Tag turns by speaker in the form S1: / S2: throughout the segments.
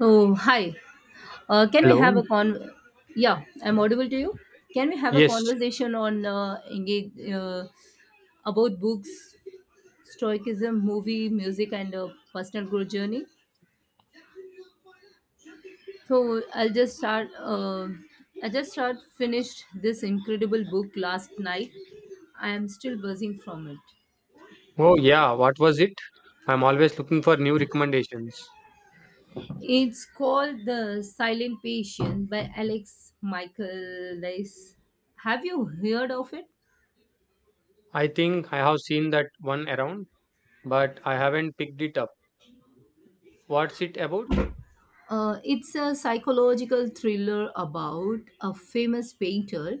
S1: Oh, hi. Can we have
S2: Hello.
S1: a con? Yeah, I'm audible to you. Can we have a
S2: Yes.
S1: conversation on engage about books, stoicism, movie, music, and personal growth journey? So I'll just start. I just start finished this incredible book last night. I am still buzzing from it.
S2: Oh, yeah. What was it? I'm always looking for new recommendations.
S1: It's called The Silent Patient by Alex Michael. Have you heard of it?
S2: I think I have seen that one around, but I haven't picked it up. What's it about?
S1: It's a psychological thriller about a famous painter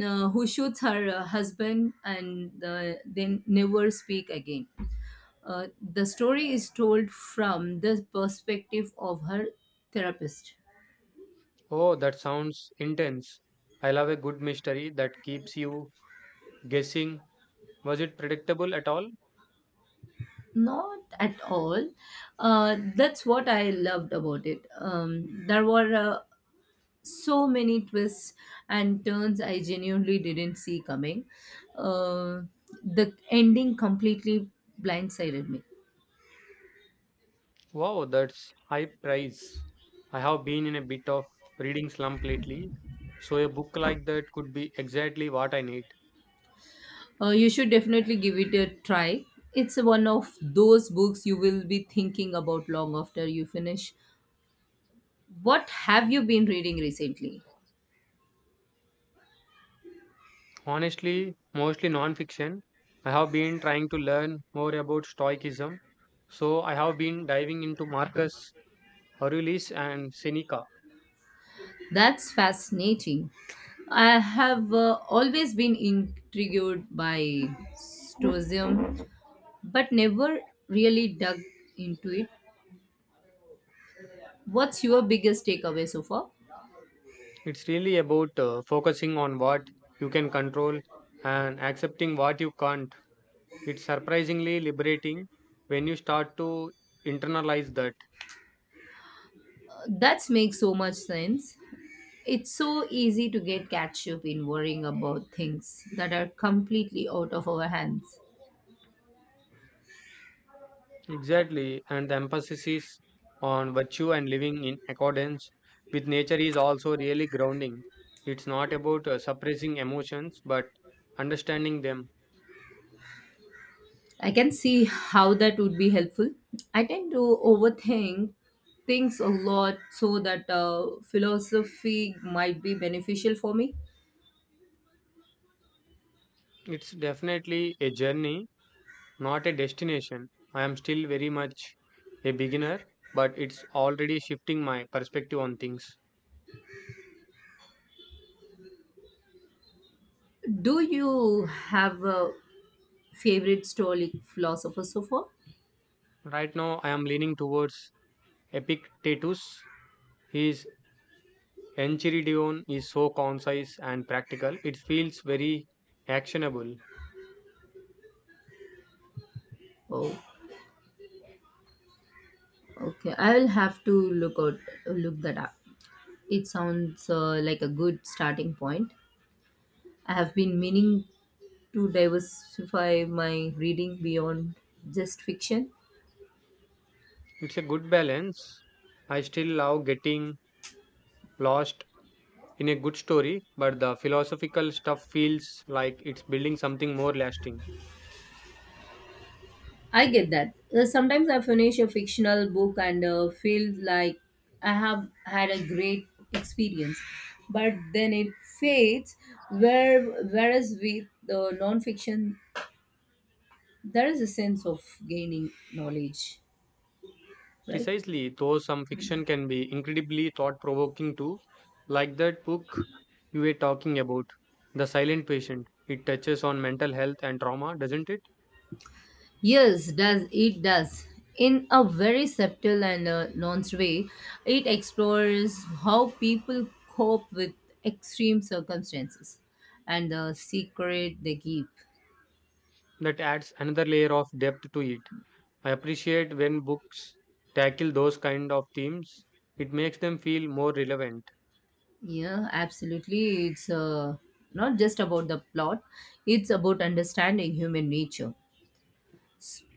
S1: who shoots her husband and then never speak again. The story is told from the perspective of her therapist.
S2: Oh, that sounds intense. I love a good mystery that keeps you guessing. Was it predictable at all?
S1: Not at all. That's what I loved about it. There were so many twists and turns I genuinely didn't see coming. Uh, the ending completely blindsided me.
S2: Wow, that's high price. I have been in a bit of reading slump lately, so a book like that could be exactly what I need.
S1: You should definitely give it a try. It's one of those books you will be thinking about long after you finish. What have you been reading recently?
S2: Honestly, mostly non-fiction. I have been trying to learn more about Stoicism, so I have been diving into Marcus Aurelius and Seneca.
S1: That's fascinating. I have always been intrigued by stoicism, but never really dug into it. What's your biggest takeaway so far?
S2: It's really about focusing on what you can control and accepting what you can't. It's surprisingly liberating when you start to internalize that.
S1: That makes so much sense. It's so easy to get catch up in worrying about things that are completely out of our hands.
S2: Exactly, and the emphasis is on virtue and living in accordance with nature is also really grounding. It's not about suppressing emotions but understanding them.
S1: I can see how that would be helpful. I tend to overthink things a lot, so that philosophy might be beneficial for me.
S2: It's definitely a journey, not a destination. I am still very much a beginner, but it's already shifting my perspective on things.
S1: Do you have a favorite stoic philosopher so far?
S2: Right now, I am leaning towards Epictetus. His Enchiridion is so concise and practical, it feels very actionable.
S1: Oh, okay. I will have to look that up. It sounds like a good starting point. I have been meaning to diversify my reading beyond just fiction.
S2: It's a good balance. I still love getting lost in a good story, but the philosophical stuff feels like it's building something more lasting.
S1: I get that. Sometimes I finish a fictional book and feel like I have had a great experience, but then it fades. Whereas with the non-fiction, there is a sense of gaining knowledge, right?
S2: Precisely, though some fiction can be incredibly thought provoking too, like that book you were talking about, The Silent Patient. It touches on mental health and trauma, doesn't it?
S1: Yes, does. In a very subtle and nuanced way, it explores how people cope with extreme circumstances and the secret they keep.
S2: That adds another layer of depth to it. I appreciate when books tackle those kind of themes, it makes them feel more relevant.
S1: Yeah, absolutely. It's not just about the plot, it's about understanding human nature.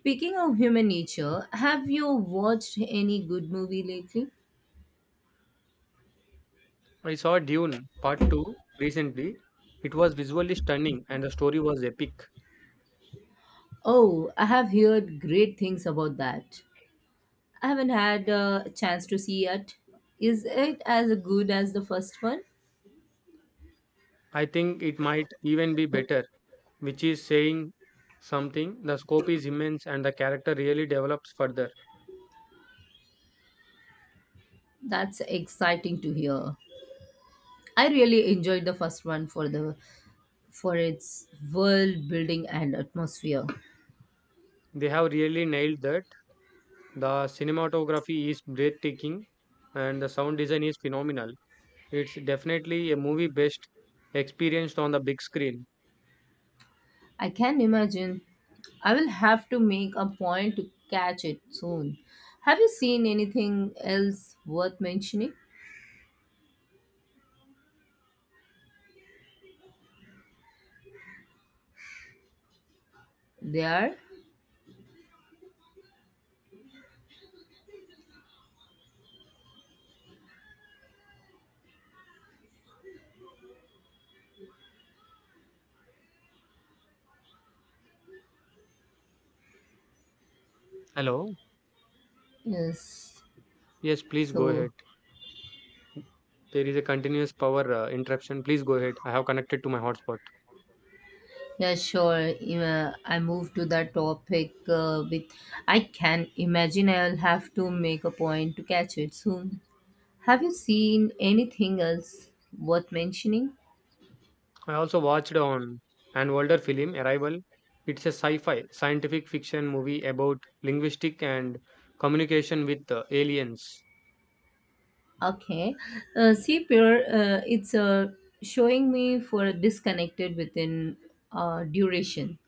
S1: Speaking of human nature, have you watched any good movie lately?
S2: I saw Dune Part 2 recently. It was visually stunning and the story was epic.
S1: Oh, I have heard great things about that. I haven't had a chance to see yet. Is it as good as the first one?
S2: I think it might even be better, which is saying something. The scope is immense and the character really develops further.
S1: That's exciting to hear. I really enjoyed the first one for its world building and atmosphere.
S2: They have really nailed that. The cinematography is breathtaking and the sound design is phenomenal. It's definitely a movie best experienced on the big screen.
S1: I can imagine. I will have to make a point to catch it soon. Have you seen anything else worth mentioning? There
S2: Hello?
S1: is
S2: Yes, please go
S1: so
S2: ahead. There is a continuous power interruption. Please go ahead. I have connected to my hotspot.
S1: Yeah, sure. I move to that topic with I can imagine I'll have to make a point to catch it soon. Have you seen anything else worth mentioning?
S2: I also watched on an older film, Arrival. It's a sci-fi scientific fiction movie about linguistic and communication with aliens.
S1: Okay. See, Pierre, it's showing me for disconnected within duration.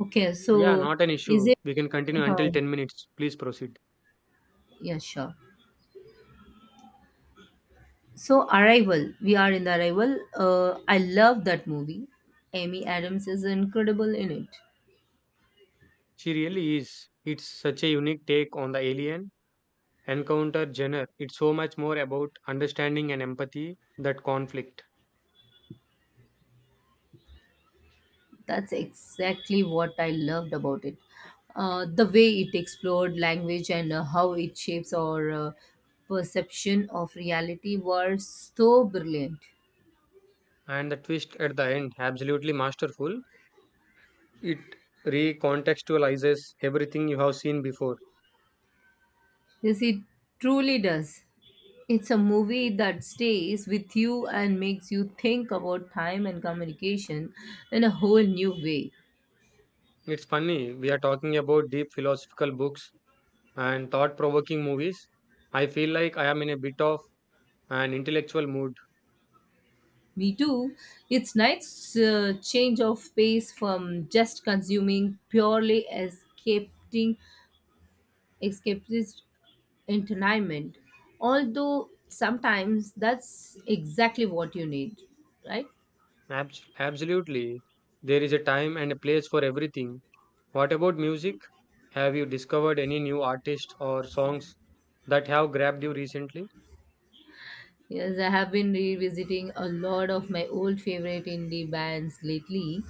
S1: Okay,
S2: Yeah,
S1: so
S2: not an
S1: is
S2: issue.
S1: it?
S2: We can continue until
S1: Uh,
S2: 10 minutes. Please proceed.
S1: yeah, sure. So, Arrival, we are in the Arrival. I love that movie. Amy Adams is incredible in it.
S2: She really is. It's such a unique take on the alien encounter genre. It's so much more about understanding and empathy that conflict.
S1: That's exactly what I loved about it. The way it explored language and how it shapes our perception of reality were so brilliant.
S2: And the twist at the end, absolutely masterful. It recontextualizes everything you have seen before.
S1: Yes, it truly does. It's a movie that stays with you and makes you think about time and communication in a whole new way.
S2: It's funny, we are talking about deep philosophical books and thought provoking movies. I feel like I am in a bit of an intellectual mood.
S1: Me too. It's nice change of pace from just consuming purely escaping escapist entertainment, although sometimes that's exactly what you need, right?
S2: Absolutely. There is a time and a place for everything. What about music? Have you discovered any new artists or songs that have grabbed you recently?
S1: Yes, I have been revisiting a lot of my old favorite indie bands lately.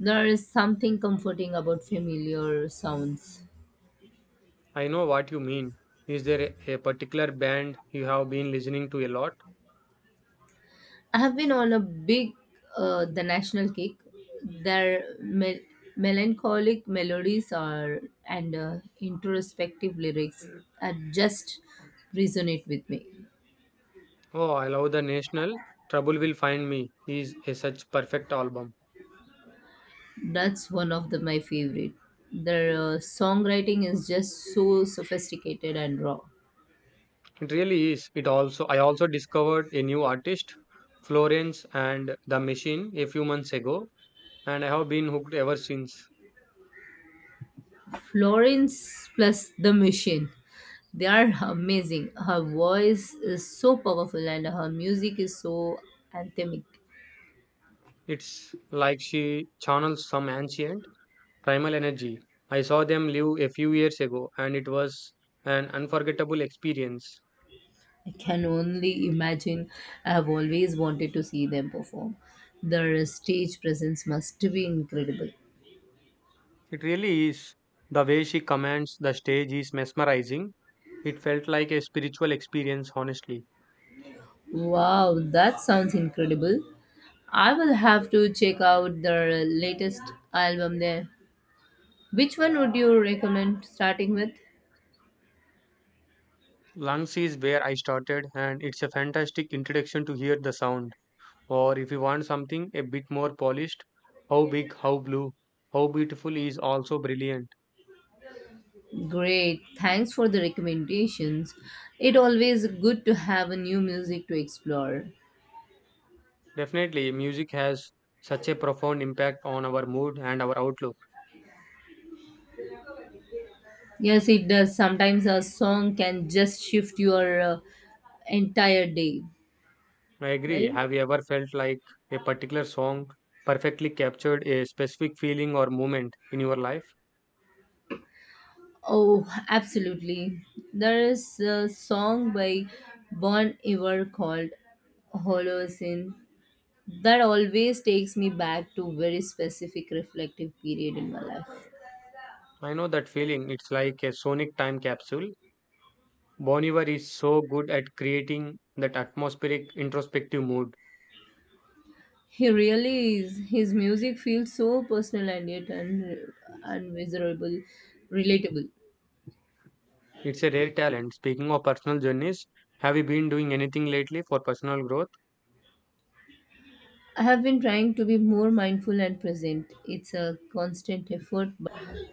S1: There is something comforting about familiar sounds.
S2: I know what you mean. Is there a particular band you have been listening to a lot?
S1: I have been on a big The National kick. Their melancholic melodies are and introspective lyrics are just resonate with me.
S2: Oh, I love The National. Trouble Will Find Me is a such perfect album.
S1: That's one of my favorite. Their songwriting is just so sophisticated and raw.
S2: It really is. It also I also discovered a new artist, Florence and the Machine, a few months ago, and I have been hooked ever since.
S1: Florence plus the Machine. They are amazing. Her voice is so powerful and her music is so anthemic.
S2: It's like she channels some ancient primal energy. I saw them live a few years ago, and it was an unforgettable experience.
S1: I can only imagine. I have always wanted to see them perform. Their stage presence must be incredible.
S2: It really is. The way she commands the stage is mesmerizing. It felt like a spiritual experience, honestly.
S1: Wow, that sounds incredible. I will have to check out their latest album there. Which one would you recommend starting with?
S2: Lungs is where I started, and it's a fantastic introduction to hear the sound. Or if you want something a bit more polished, how big, how blue, how beautiful is also brilliant.
S1: Great, thanks for the recommendations. It always good to have a new music to explore.
S2: Definitely, music has such a profound impact on our mood and our outlook.
S1: Yes, it does. Sometimes a song can just shift your entire day,
S2: I agree.
S1: right?
S2: Have you ever felt like a particular song perfectly captured a specific feeling or moment in your life?
S1: Oh, absolutely. There is a song by Bon Iver called Holocene that always takes me back to very specific reflective period in my life.
S2: I know that feeling. It's like a sonic time capsule. Bon Iver is so good at creating that atmospheric introspective mood.
S1: He really is. His music feels so personal and yet unmeasurable, relatable.
S2: It's a rare talent. Speaking of personal journeys, have you been doing anything lately for personal growth?
S1: I have been trying to be more mindful and present. It's a constant effort. But...